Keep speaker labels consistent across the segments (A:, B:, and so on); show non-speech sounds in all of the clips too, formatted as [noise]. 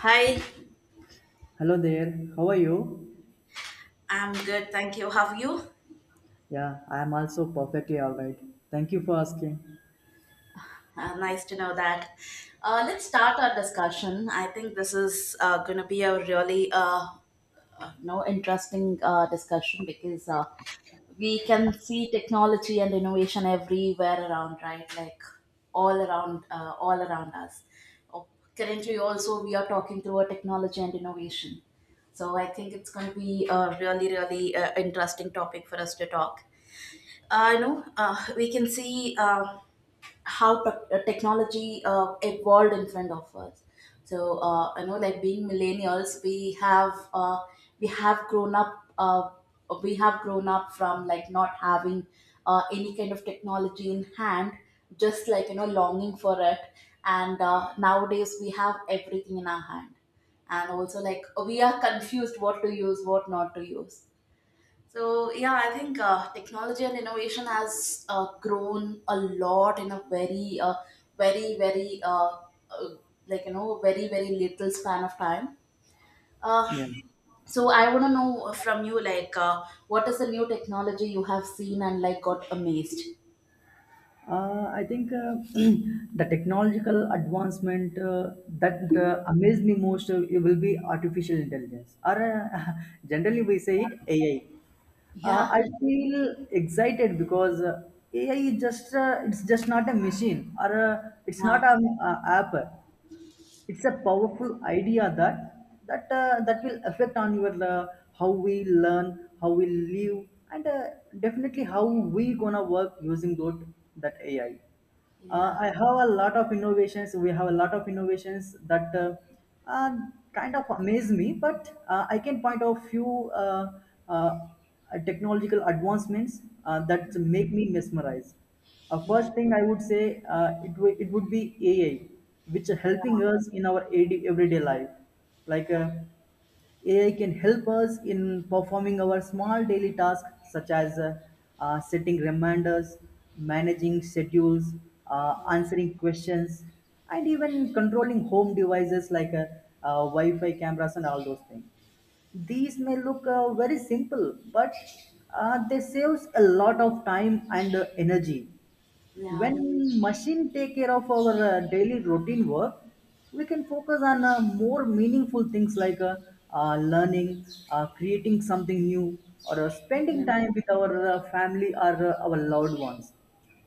A: Hi,
B: Hello there, how are you?
A: I'm good, thank you. How are you?
B: Yeah, I am also perfectly all right. Thank you for asking.
A: Nice to know that. Let's start our discussion. I think this is going to be a really no interesting discussion because we can see technology and innovation everywhere around, right? Like all around us. Oh, currently, also we are talking through a technology and innovation. So I think it's going to be a really, really interesting topic for us to talk. We can see how technology evolved in front of us. So, like being millennials, we have grown up. We have grown up from like not having any kind of technology in hand, just like you know, longing for it. And nowadays, we have everything in our hand, and also like we are confused what to use, what not to use, so yeah, I think technology and innovation has grown a lot in a very, very, very, uh, like you know, very, very little span of time. Uh,
B: Yeah,
A: so I want to know from you, like, what is the new technology you have seen and like got amazed?
B: I think [clears throat] the technological advancement that amazed me most it will be artificial intelligence, or uh, [laughs] generally we say it AI.
A: Yeah,
B: I feel excited because AI is just, it's just not a machine, or it's not
A: yeah,
B: an app. It's a powerful idea that that will affect on your how we learn, how we live, and definitely how we gonna work using that AI. uh,
A: yeah,
B: i have a lot of innovations, we have a lot of innovations that uh, kind of amaze me, but I can point out few uh, technological advancements that make me mesmerized.
A: yeah,
B: First thing I would say it would be AI, which are helping us in our AD everyday life. Like AI can help us in performing our small daily tasks such as setting reminders, managing schedules, answering questions, and even controlling home devices like Wi-Fi cameras and all those things. These may look very simple, but they saves a lot of time and energy.
A: yeah, yeah,
B: When machine take care of our daily routine work, we can focus on more meaningful things, like learning, creating something new, or spending time with our family or our loved ones.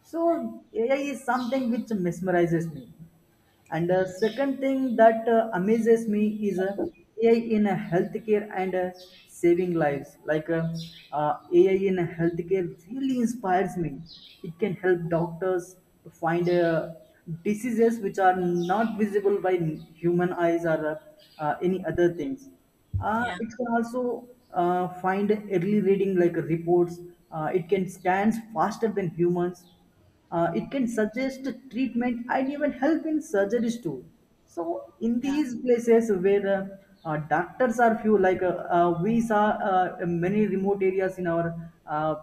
B: So AI is something which mesmerizes me. And the second thing that amazes me is AI in healthcare and saving lives. Like AI in healthcare really inspires me. It can help doctors to find diseases which are not visible by human eyes or any other things.
A: yeah, yeah,
B: It can also find early reading like reports. It can scan faster than humans. It can suggest treatment and even help in surgeries too. So, in these places where doctors are few, like we saw in many remote areas in our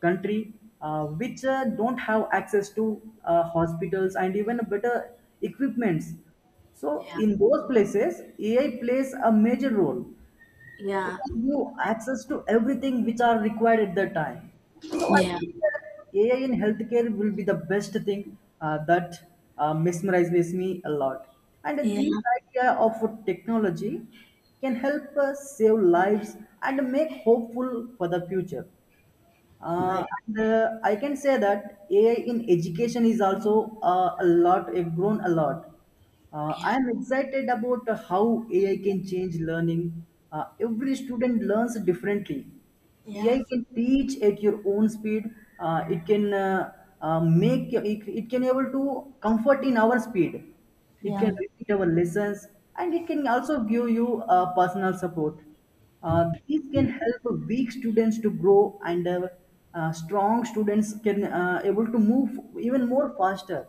B: country, which don't have access to hospitals and even better equipments. So, in those places, AI plays a major role. It
A: yeah, yeah,
B: gives you access to everything which are required at that time. So I
A: yeah,
B: think that AI in healthcare will be the best thing that mesmerizes me a lot. And
A: yeah,
B: this idea of technology can help us save lives and make hopeful for the future.
A: right,
B: And, I can say that AI in education is also a lot, it grown a lot. I am excited about how AI can change learning. Every student learns differently.
A: yeah,
B: AI can teach at your own speed. It can it can able to comfort in our speed. It can
A: yeah,
B: repeat our lessons, and it can also give you personal support. These can help weak students to grow, and strong students can able to move even more faster.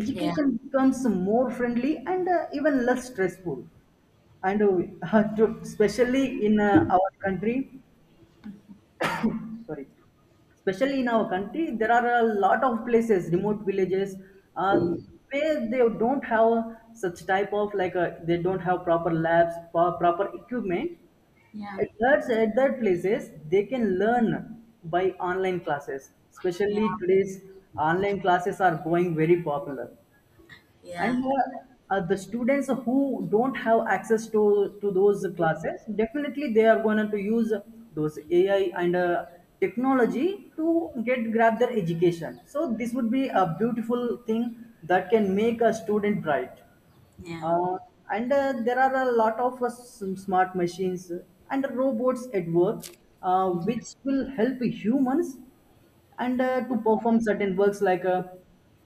B: Education becomes more friendly and even less stressful. And [laughs] especially in our country, sorry, especially in our country, there are a lot of places, remote villages, uh, where they don't have such type of, like they don't have proper labs, proper equipment.
A: yeah,
B: At that places, they can learn by online classes.
A: yeah,
B: Especially today's online classes are going very popular.
A: yeah.
B: And the students who don't have access to those classes, definitely they are going to use those AI and technology to get grab their education. So this would be a beautiful thing that can make a student bright.
A: Yeah,
B: Uh, and there are a lot of some smart machines and robots at work, which will help humans and to perform certain works, like uh,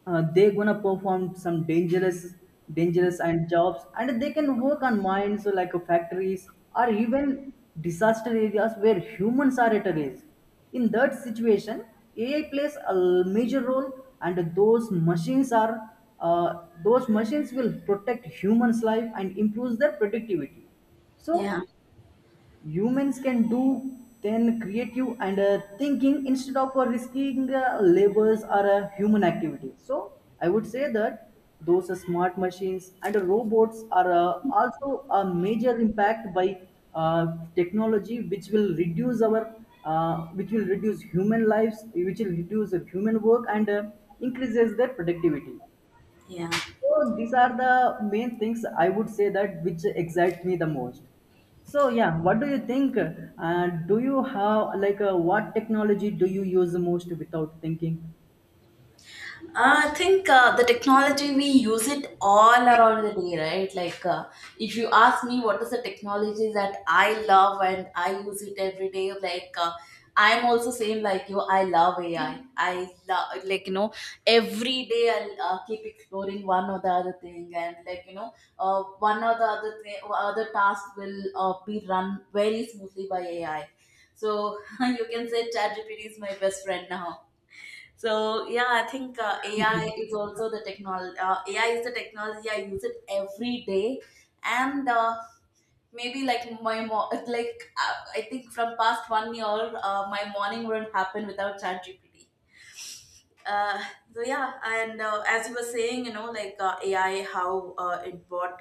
B: uh, they're gonna perform some dangerous and jobs, and they can work on mines or like factories, or even disaster areas where humans are at risk. In that situation, AI plays a major role, and those machines are, those machines will protect humans life and improves their productivity. So
A: yeah,
B: humans can do then creative and thinking instead of risking labors or a human activity. So I would say that those smart machines and robots are also a major impact by uh, technology, which will reduce our which will reduce human lives, which will reduce the human work and increases their productivity.
A: yeah.
B: So these are the main things I would say that which excite me the most. So yeah, what do you think? Do you have like what technology do you use the most without thinking?
A: I think the technology we use it all around the day, right? Like, if you ask me what is the technology that I love and I use it every day, like I'm also same like you. I love AI. I love like you know every day I'll keep exploring one or the other thing, and like you know one or the other thing, other task will be run very smoothly by AI. So [laughs] you can say ChatGPT is my best friend now. So yeah, I think AI is also the technology. AI is the technology I use it every day, and maybe like [laughs] it's like I think from past 1 year, my morning wouldn't happen without ChatGPT. Uh, so yeah, and as you were saying, you know, like AI, how it brought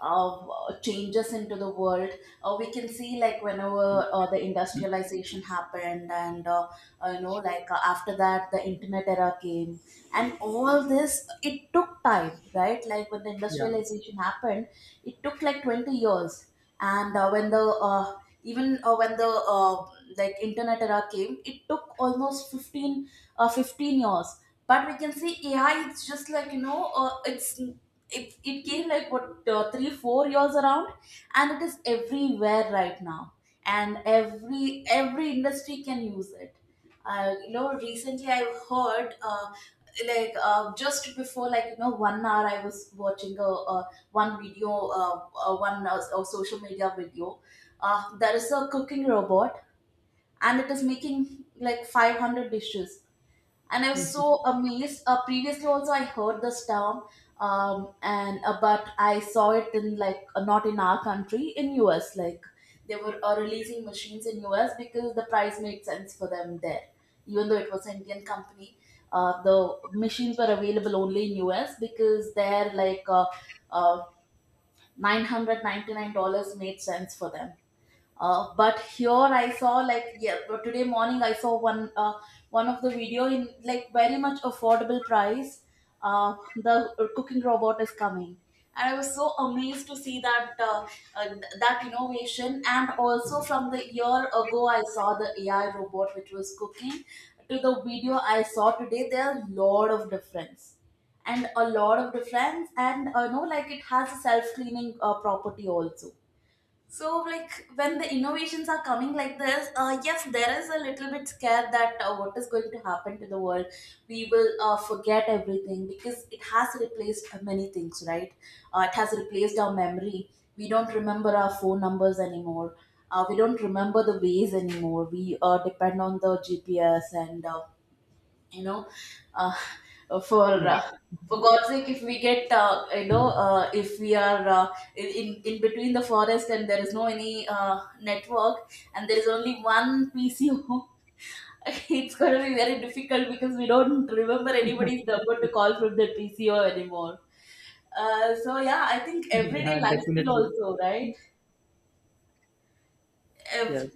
A: changes into the world. We can see like whenever the industrialization happened, and after that, the internet era came and all this it took time, right? Like when the
B: Yeah,
A: industrialization happened it took like 20 years, and when the uh, even when the uh, like internet era came, it took almost 15 years. But we can see AI, it's just like you know it came like what 3 4 years around, and it is everywhere right now, and every industry can use it. I, you know, recently I've heard just before like you know 1 hour I was watching a one video, uh, one a social media video. There is a cooking robot and it is making like 500 dishes and I was so amazed. Previously, also I heard this term, and but I saw it in like not in our country, in US. Like they were releasing machines in US because the price made sense for them there, even though it was an Indian company. The machines were available only in US because they're like uh, $999 made sense for them. But here I saw like, yeah, but today morning I saw one one of the video in like very much affordable price. The cooking robot is coming and I was so amazed to see that uh, that innovation. And also from the year ago I saw the AI robot which was cooking, to the video I saw today, there are a lot of difference. And a lot of difference, and no like it has a self cleaning property also. So, like when the innovations are coming like this, yes, there is a little bit scare that what is going to happen to the world. We will forget everything because it has replaced many things, right? It has replaced our memory. We don't remember our phone numbers anymore. We don't remember the ways anymore. We depend on the GPS, and you know uh, for
B: yeah,
A: uh, for god's sake if we get, if we are, in, in between the forest and there is no any network, and there is only one PCO, [laughs] it's going to be very difficult because we don't remember anybody's number to call from the PCO anymore. So yeah, I think
B: [laughs]
A: everyday
B: yeah,
A: lifestyle
B: definitely.
A: also, right?
B: Yes.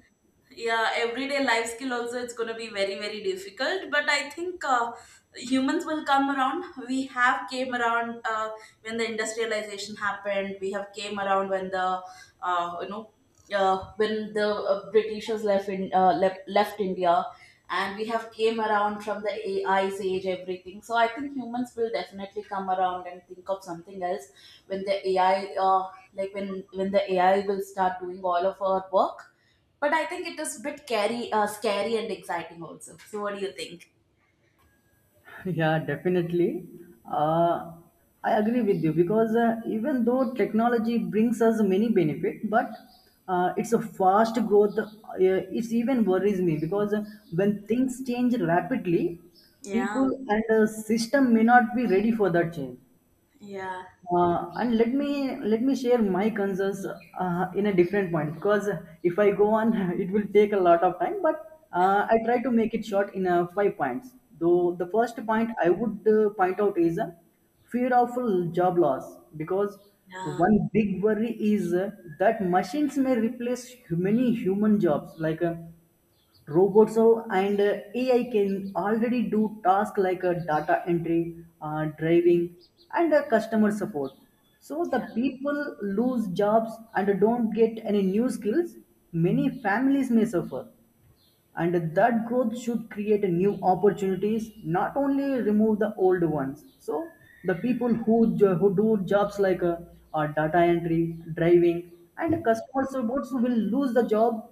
A: Yeah, everyday life skill also, it's going to be very, very difficult. But I think humans will come around. We have came around when the industrialization happened. We have came around when the uh, you know when the britishers left in left India, and we have came around from the AI's age, everything. So I think humans will definitely come around and think of something else when the AI like when the AI will start doing all of our work. But I think it is a bit scary, scary and exciting also. So what do you think?
B: [laughs] Yeah, definitely. Uh, I agree with you because even though technology brings us many benefit, but it's a fast growth. It even worries me because when things change rapidly, people
A: Yeah,
B: and system may not be ready for that change.
A: yeah,
B: And let me share my concerns in a different point, because if I go on, [laughs] it will take a lot of time. But I try to make it short in five points. Though the first point I would point out is fear of job loss, because
A: yeah,
B: one big worry is that machines may replace many human jobs, like robots now, and AI can already do tasks like data entry, driving, and customer support. So the
A: yeah,
B: people lose jobs and don't get any new skills. Many families may suffer, and that growth should create a new opportunities, not only remove the old ones. So the people who who do jobs like data entry, driving, and customer supports will lose the job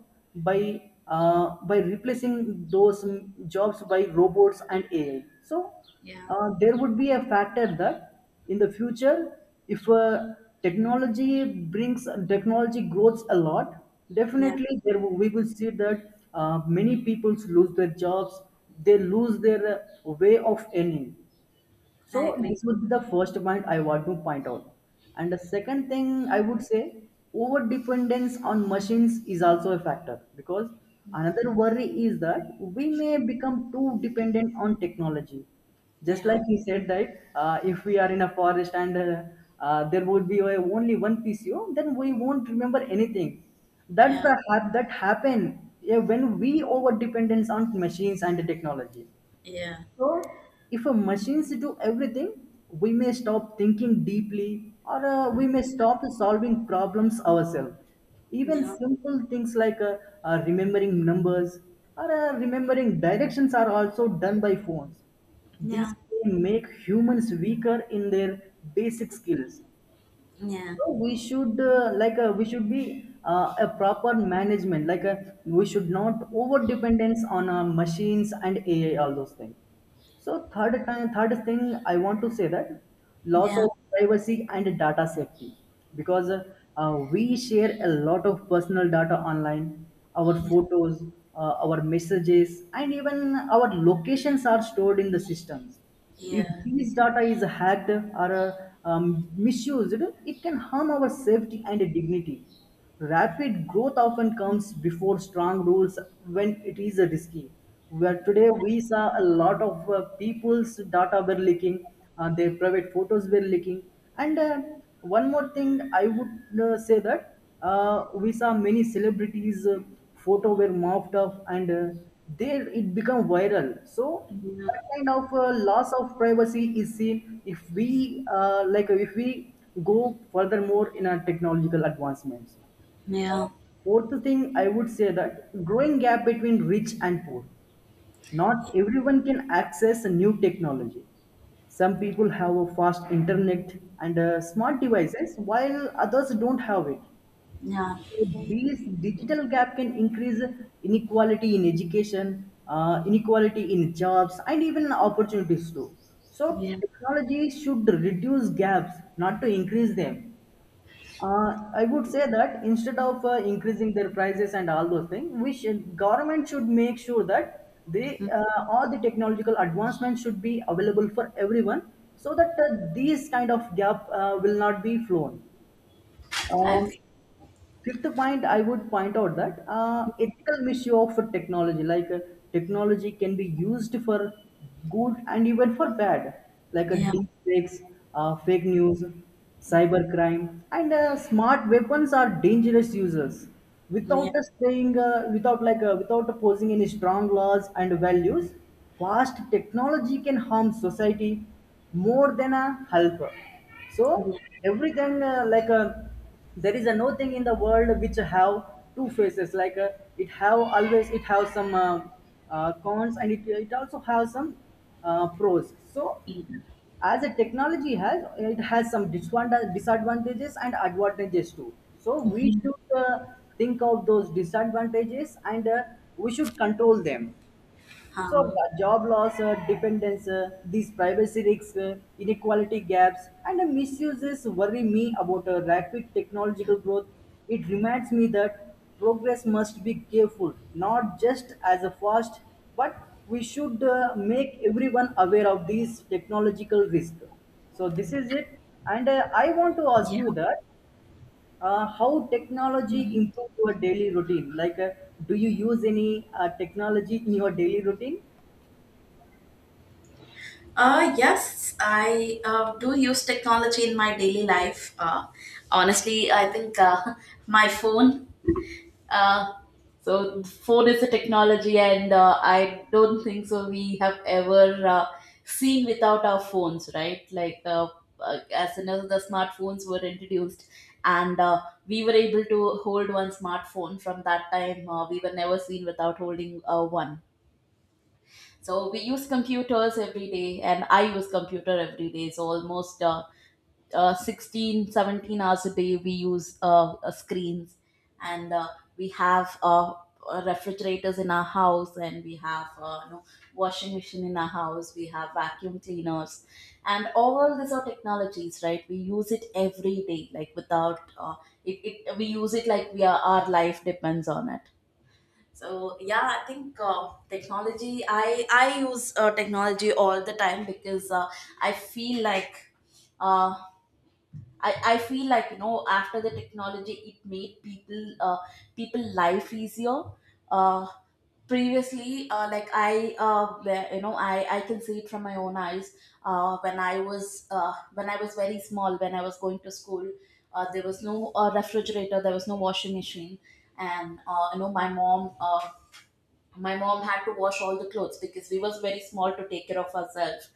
B: by by replacing those jobs by robots and AI. So
A: yeah,
B: there would be a factor that in the future if technology grows a lot,
A: yeah.
B: definitely there we will see that many people lose their jobs. They lose their way of earning. So
A: I agree.
B: this would be the first point I want to point out. And the second thing I would say, over dependence on machines is also a factor, because another worry is that we may become too dependent on technology. Just
A: Yeah,
B: like he said that if we are in a forest and there would be only one PCO, then we won't remember anything. That's
A: yeah,
B: the that happen, yeah, when we over dependence on machines and technology.
A: yeah,
B: So, if a machines do everything, we may stop thinking deeply, or we may stop solving problems ourselves. Even
A: yeah,
B: simple things like remembering numbers or remembering directions are also done by phones. These
A: yeah,
B: can make humans weaker in their basic skills.
A: yeah, yeah,
B: So we should like we should be a proper management. Like we should not over dependence on machines and AI, all those things. So third thing I want to say that loss
A: yeah,
B: of privacy and data safety, because we share a lot of personal data online. Our
A: yeah,
B: photos, our messages, and even our locations are stored in the systems. If this data is hacked or misused, it can harm our safety and dignity. Rapid growth often comes before strong rules, when it is risky. Where today we saw a lot of people's data were leaking, their private photos were leaking, and one more thing I would say that we saw many celebrities' photo were mopped up and there it become viral. So that kind of loss of privacy is seen if we go furthermore in our technological advancements.
A: yeah,
B: Fourth thing I would say that growing gap between rich and poor. Not everyone can access new technology. Some people have a fast internet and smart devices, while others don't have it.
A: yeah,
B: These digital gap can increase inequality in education, inequality in jobs, and even opportunities too. So
A: yeah.
B: technology should reduce gaps, not to increase them. I would say that instead of increasing their prices and all those things, government should make sure that they all the technological advancements should be available for everyone, so that these kind of gap will not be flown.
A: I
B: Um,
A: think.
B: Fifth point, I would point out that ethical misuse of technology, like technology can be used for good and even for bad, like a
A: Yeah,
B: deep fakes, fake news, cybercrime, and smart weapons are dangerous users.
A: yeah,
B: Without us saying, without like, without posing any strong laws and values, fast technology can harm society more than a helper. So
A: yeah,
B: everything like a there is a no thing in the world which have two faces it have always it have some cons, and it also has some pros. So
A: yeah,
B: as a technology has, it has some disadvantages and advantages too, so we should think of those disadvantages, and we should control them. So,
A: huh,
B: job loss, dependence, these privacy risks, inequality gaps, and misuses worry me about rapid technological growth. It reminds me that progress must be careful, not just as a fast, but we should make everyone aware of these technological risks. So this is it, and I want to ask
A: yeah.
B: you that how technology
A: Mhm.
B: improve your daily routine? Like, do you use any technology in your daily routine?
A: Yes, I do use technology in my daily life. Honestly, I think [laughs] my phone uh, So phone is a technology, and I don't think so. We have ever seen without our phones, right? Like as soon as the smartphones were introduced, and we were able to hold one smartphone. From that time, we were never seen without holding one. So we use computers every day, and I use computer every day. So almost. 16, 17 hours a day we use screens. And we have refrigerators in our house, and we have, you know, washing machine in our house, we have vacuum cleaners, and all these are technologies, right? We use it every day, like without it, we use it like we are, our life depends on it. So yeah, I think technology, I use technology all the time because I feel like uh, I feel like, you know, after the technology it made people people life easier. uh, Previously like I where, you know, I can see it from my own eyes when I was very small, when I was going to school, there was no refrigerator, there was no washing machine, and you know, my mom had to wash all the clothes because we was very small to take care of ourselves.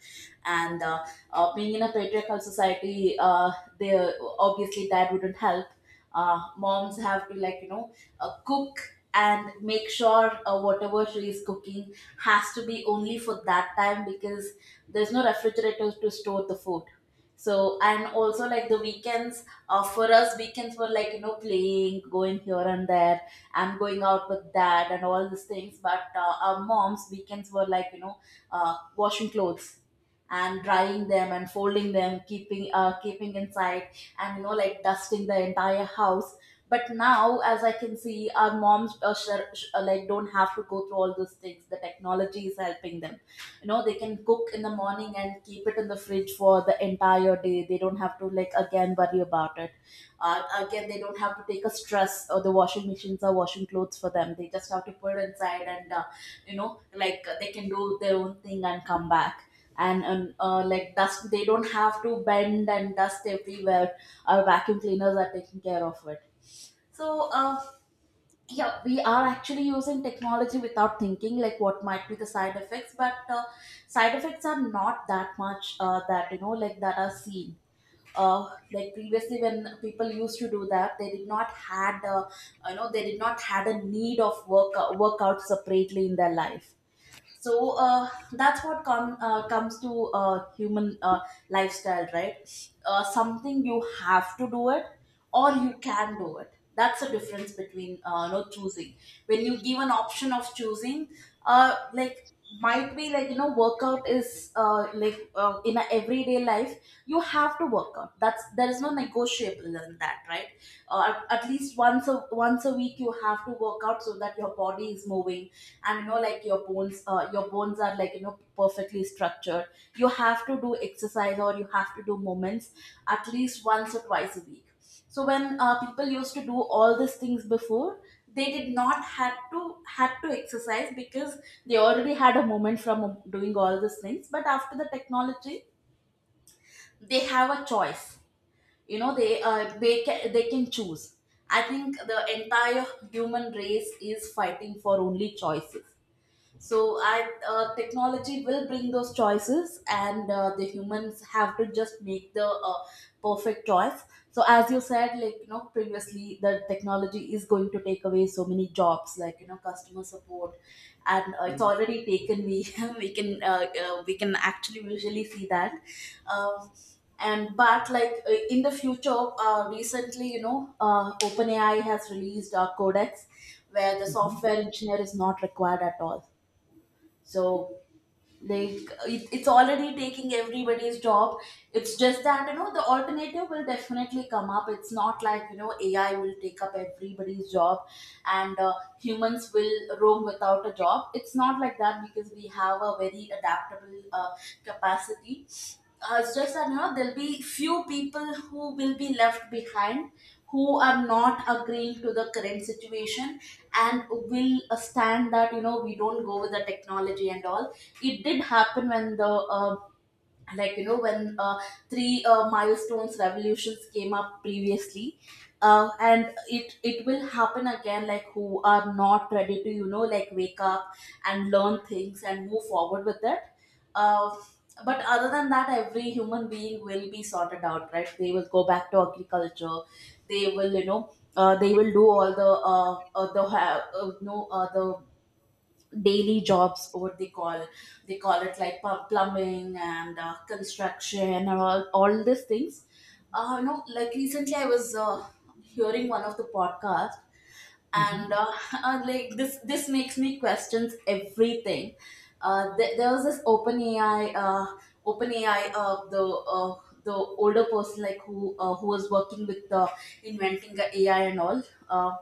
A: And being in a patriarchal society, they, obviously that wouldn't help. Moms have to like you know cook, and make sure whatever she is cooking has to be only for that time because there's no refrigerator to store the food. So, and also like the weekends, for us, weekends were like you know playing, going here and there, I'm going out with dad and all these things. But our moms weekends were like you know washing clothes, and drying them, and folding them, keeping keeping inside, and you know like dusting the entire house. But now as I can see, our moms like don't have to go through all those things, the technology is helping them. You know they can cook in the morning and keep it in the fridge for the entire day. They don't have to like again worry about it. Again, they don't have to take a stress, or the washing machines are washing clothes for them. They just have to put it inside, and you know like they can do their own thing and come back. And like dust, they don't have to bend and dust everywhere, our vacuum cleaners are taking care of it. So yeah, we are actually using technology without thinking like what might be the side effects. But side effects are not that much that you know like that are seen. Like previously when people used to do that, they did not had you know they did not had a need of work, workout separately in their life. So that's what comes to human lifestyle, right? Something You have to do it or you can do it. That's the difference between choosing when you give an option of choosing. Like, might be like workout is in a everyday life. You have to work out. That's there is no negotiable in that, right? At least once a week you have to work out so that your body is moving, and you know like your bones are like perfectly structured. You have to do exercise or you have to do movements at least once or twice a week. So when people used to do all these things before, they did not had to exercise because they already had a moment from doing all these things. But after the technology they have a choice. They can choose. I think the entire human race is fighting for only choices. So I technology will bring those choices, and the humans have to just make the perfect choice. So as you said, like you know, previously the technology is going to take away so many jobs, like you know, customer support, and it's already taken. We [laughs] we can actually visually see that. Um, and but like in the future, recently you know, OpenAI has released a codex where the
B: Mhm.
A: software engineer is not required at all. So like it's already taking everybody's job. It's just that you know the alternative will definitely come up. It's not like you know AI will take up everybody's job, and humans will roam without a job. It's not like that, because we have a very adaptable capacity. It's just that you know there'll be few people who will be left behind, who are not agreeing to the current situation, and will stand that you know we don't go with the technology and all. It did happen when the like you know when three milestones revolutions came up previously, and it will happen again, like who are not ready to like wake up and learn things and move forward with it. uh, but other than that, every human being will be sorted out, right? They will go back to agriculture. They will do all the ha- no the daily jobs, what they call. They call it like plumbing and construction and all these things. No Like, recently I was hearing one of the podcasts. And [laughs] like this makes me questions everything. There was this Open AI, open ai uh, the uh, the older person, like who was working with inventing the AI and all. uh,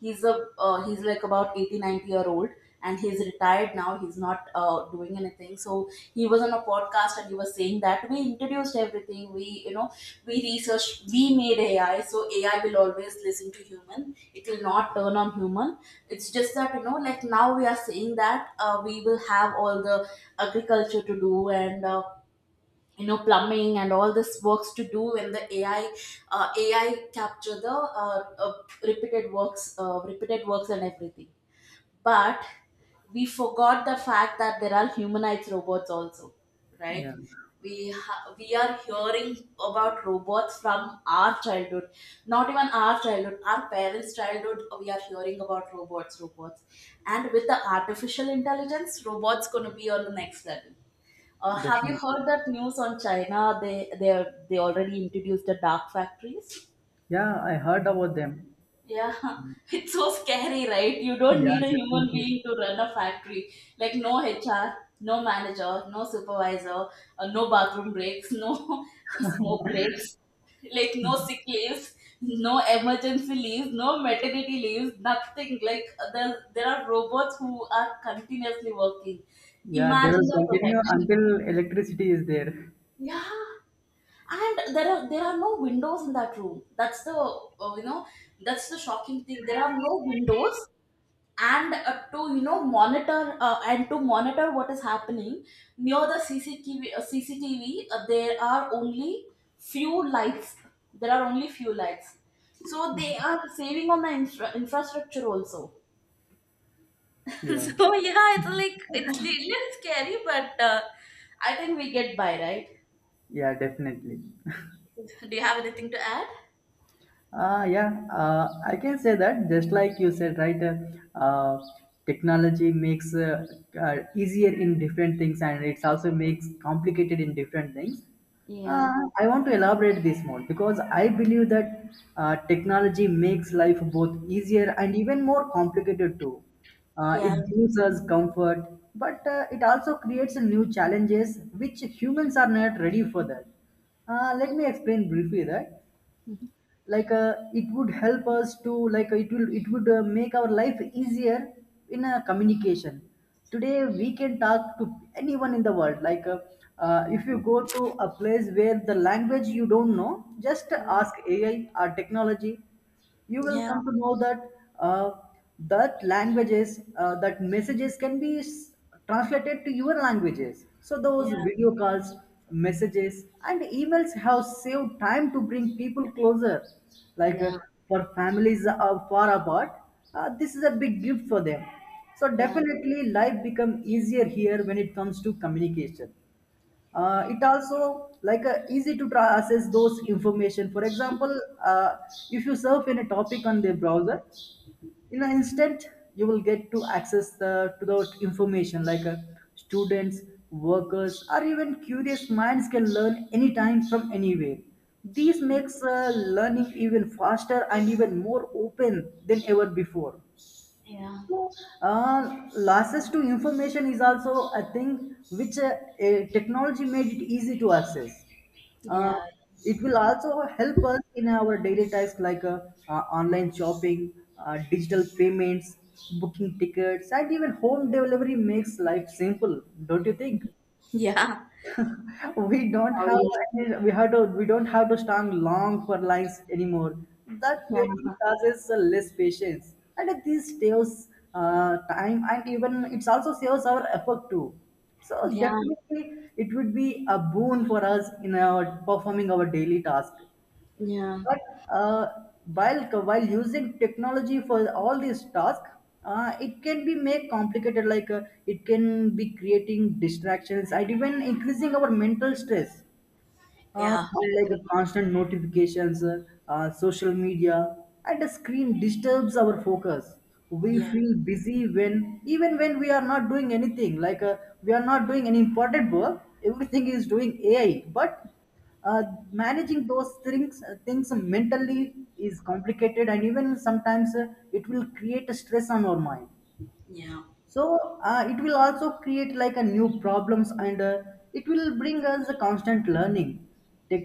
A: he's a he's like about 80, 90 year old, and he's retired now. He's not doing anything. So he was on a podcast, and he was saying that we introduced everything, we you know, we researched, we made AI. So AI will always listen to human. It will not turn on human. It's just that you know, like, now we are saying that we will have all the agriculture to do, and you know plumbing and all this works to do. When the AI capture the uh, uh, repeated works and everything. But we forgot the fact that there are humanoid robots also,
B: Yeah,
A: right? We are hearing about robots from our childhood, not even our childhood, our parents childhood. We are hearing about robots, and with the artificial intelligence, robots going to be on the next level. Have you
B: definitely.
A: heard that news on China? They already introduced the dark factories.
B: Yeah, I heard about them.
A: Yeah, [laughs] it's so scary, right? You don't
B: Yeah,
A: need a human
B: definitely.
A: being to run a factory. Like no HR, no manager, no supervisor, no bathroom breaks, no [laughs] smoke breaks, like no sick leaves, no emergency leaves, no maternity leaves, nothing. Like there are robots who are continuously working.
B: Yeah, they
A: Imagine
B: will
A: the
B: continue
A: protection.
B: until electricity is there.
A: Yeah. And there are no windows in that room. That's the that's the shocking thing. There are no windows, and to you know monitor and to monitor what is happening near the CCTV, there are only few lights few lights. So they are saving on the infrastructure also. [laughs]
B: Yeah,
A: So yeah, it's like, it's little scary, but I think we get by, right?
B: yeah, definitely.
A: Do you have anything to add?
B: Yeah, I can say that just like you said, right? Uh, Technology makes easier in different things, and it's also makes complicated in different things.
A: Yeah.
B: Uh, I want to elaborate this more because I believe that technology makes life both easier and even more complicated too. It
A: Yeah.
B: gives us comfort, but it also creates new challenges which humans are not ready for that. Let me explain briefly that
A: Mhm.
B: it would help us to it will it would make our life easier in a communication. Today we can talk to anyone in the world, if you go to a place where the language you don't know, just ask AI or technology, you will
A: Yeah.
B: come to know that uh, that languages, that messages can be translated to your languages. So those
A: Yeah.
B: video calls, messages and emails have saved time to bring people closer, like uh,
A: Yeah.
B: for families far apart. This is a big gift for them. So
A: Yeah.
B: definitely life become easier here when it comes to communication. It also easy to access those information. For example, uh, if you surf in a topic on the browser, in an instant you will get to access the to those information, students, workers or even curious minds can learn anytime from anywhere. This makes learning even faster and even more open than ever before.
A: Yeah.
B: So, losses to information is also a thing which technology made it easy to access. Uh,
A: Yeah.
B: it will also help us in our daily tasks, like online shopping, digital payments, booking tickets, and even home delivery makes life simple, don't you think?
A: Yeah.
B: We don't have
A: Sorry.
B: any, we have to we don't have to stand long for lines anymore. That waiting
A: Yeah.
B: causes less patience, and this saves time, and even it's also saves our effort too. So
A: Yeah,
B: definitely, it would be a boon for us in our performing our daily task.
A: yeah,
B: But uh, while using technology for all these tasks, it can be made complicated. Like it can be creating distractions and even increasing our mental stress,
A: yeah. I
B: like a
A: agree.
B: constant notifications, social media, and a screen disturbs our focus. We
A: Yeah,
B: feel busy when, even when we are not doing anything, we are not doing any important work. Everything is doing AI, but uh, managing those things, things mentally is complicated, and even sometimes it will create a stress on our mind.
A: yeah,
B: So it will also create like a new problems, and it will bring us a constant learning.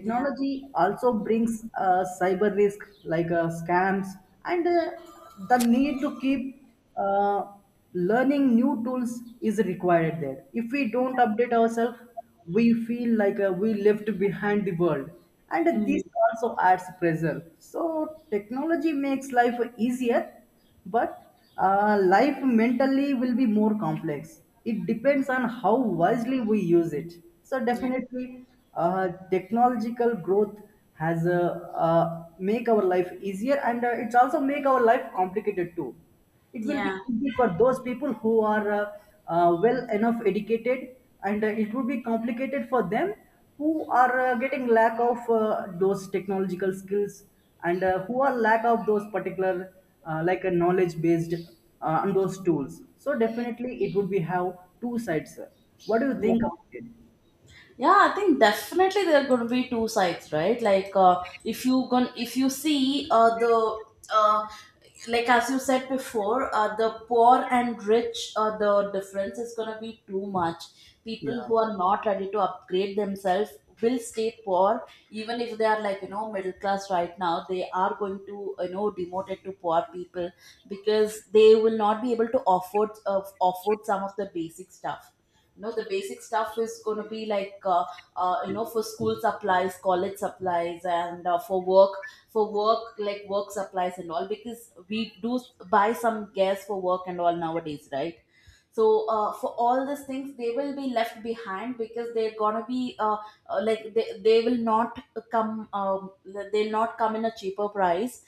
A: yeah.
B: also brings cyber risk, like scams, and the need to keep learning new tools is required there. If we don't update ourselves, we feel like we left behind the world, and this
A: Mm,
B: also adds pressure. So technology makes life easier, but life mentally will be more complex. It depends on how wisely we use it. So
A: yeah,
B: definitely, technological growth has make our life easier, and it's also make our life complicated too. It will be
A: yeah,
B: easy for those people who are well enough educated, and it would be complicated for them who are getting lack of those technological skills, and who are lack of those particular like a knowledge based on those tools. So definitely it would be have two sides, sir. What do you
A: yeah.
B: think about it?
A: Yeah, I think definitely there are going to be two sides, right? Like if you see the uh, like as you said before, the poor and rich, the difference is going to be too much. People
B: Yeah,
A: who are not ready to upgrade themselves will stay poor, even if they are like you know middle class right now. They are going to you know demoted to poor people, because they will not be able to afford some of the basic stuff. No, the basic stuff is going to be like you know, for school supplies, college supplies, and for work. For work, like work supplies and all, because we do buy some gas for work and all nowadays, right? So for all these things they will be left behind, because they're gonna be like they will not come they'll not come in a cheaper price.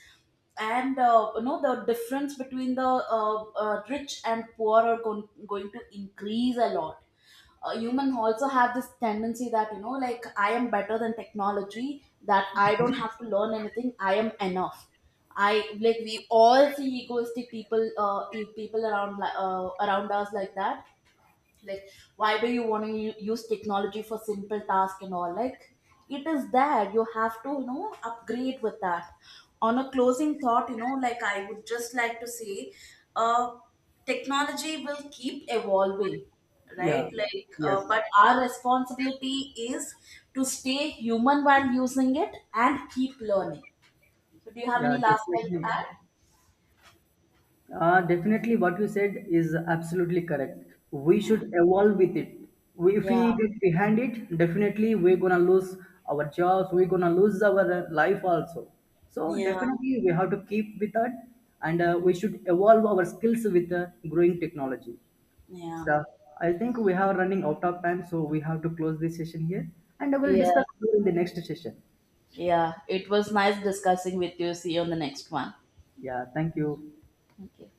A: And you know, the difference between the rich and poor are going to increase a lot. Human also have this tendency that you know like I am better than technology, that I don't have to learn anything, I am enough. I, like, we all see egoistic people people around us like that. Like, why do you want to use technology for simple task and all? Like, it is there, you have to you know upgrade with that. On a closing thought, you know, like, I would just like to say uh technology will keep evolving,
B: yeah,
A: right? Like
B: yes,
A: but our responsibility is to stay human while using it and keep learning. So do you have
B: yeah,
A: any last line to
B: definitely.
A: add?
B: Definitely, what you said is absolutely correct. We
A: Yeah.
B: should evolve with it. We, if
A: Yeah.
B: we get behind it, definitely we're gonna lose our jobs. We're gonna lose our life also. So
A: Yeah.
B: definitely, we have to keep with that, and we should evolve our skills with growing technology.
A: Yeah.
B: So I think we have running out of time, so we have to close this session here, and I will
A: Yeah,
B: discuss in the next session.
A: Yeah, it was nice discussing with you. See you on the next one.
B: Yeah, thank you.
A: Okay.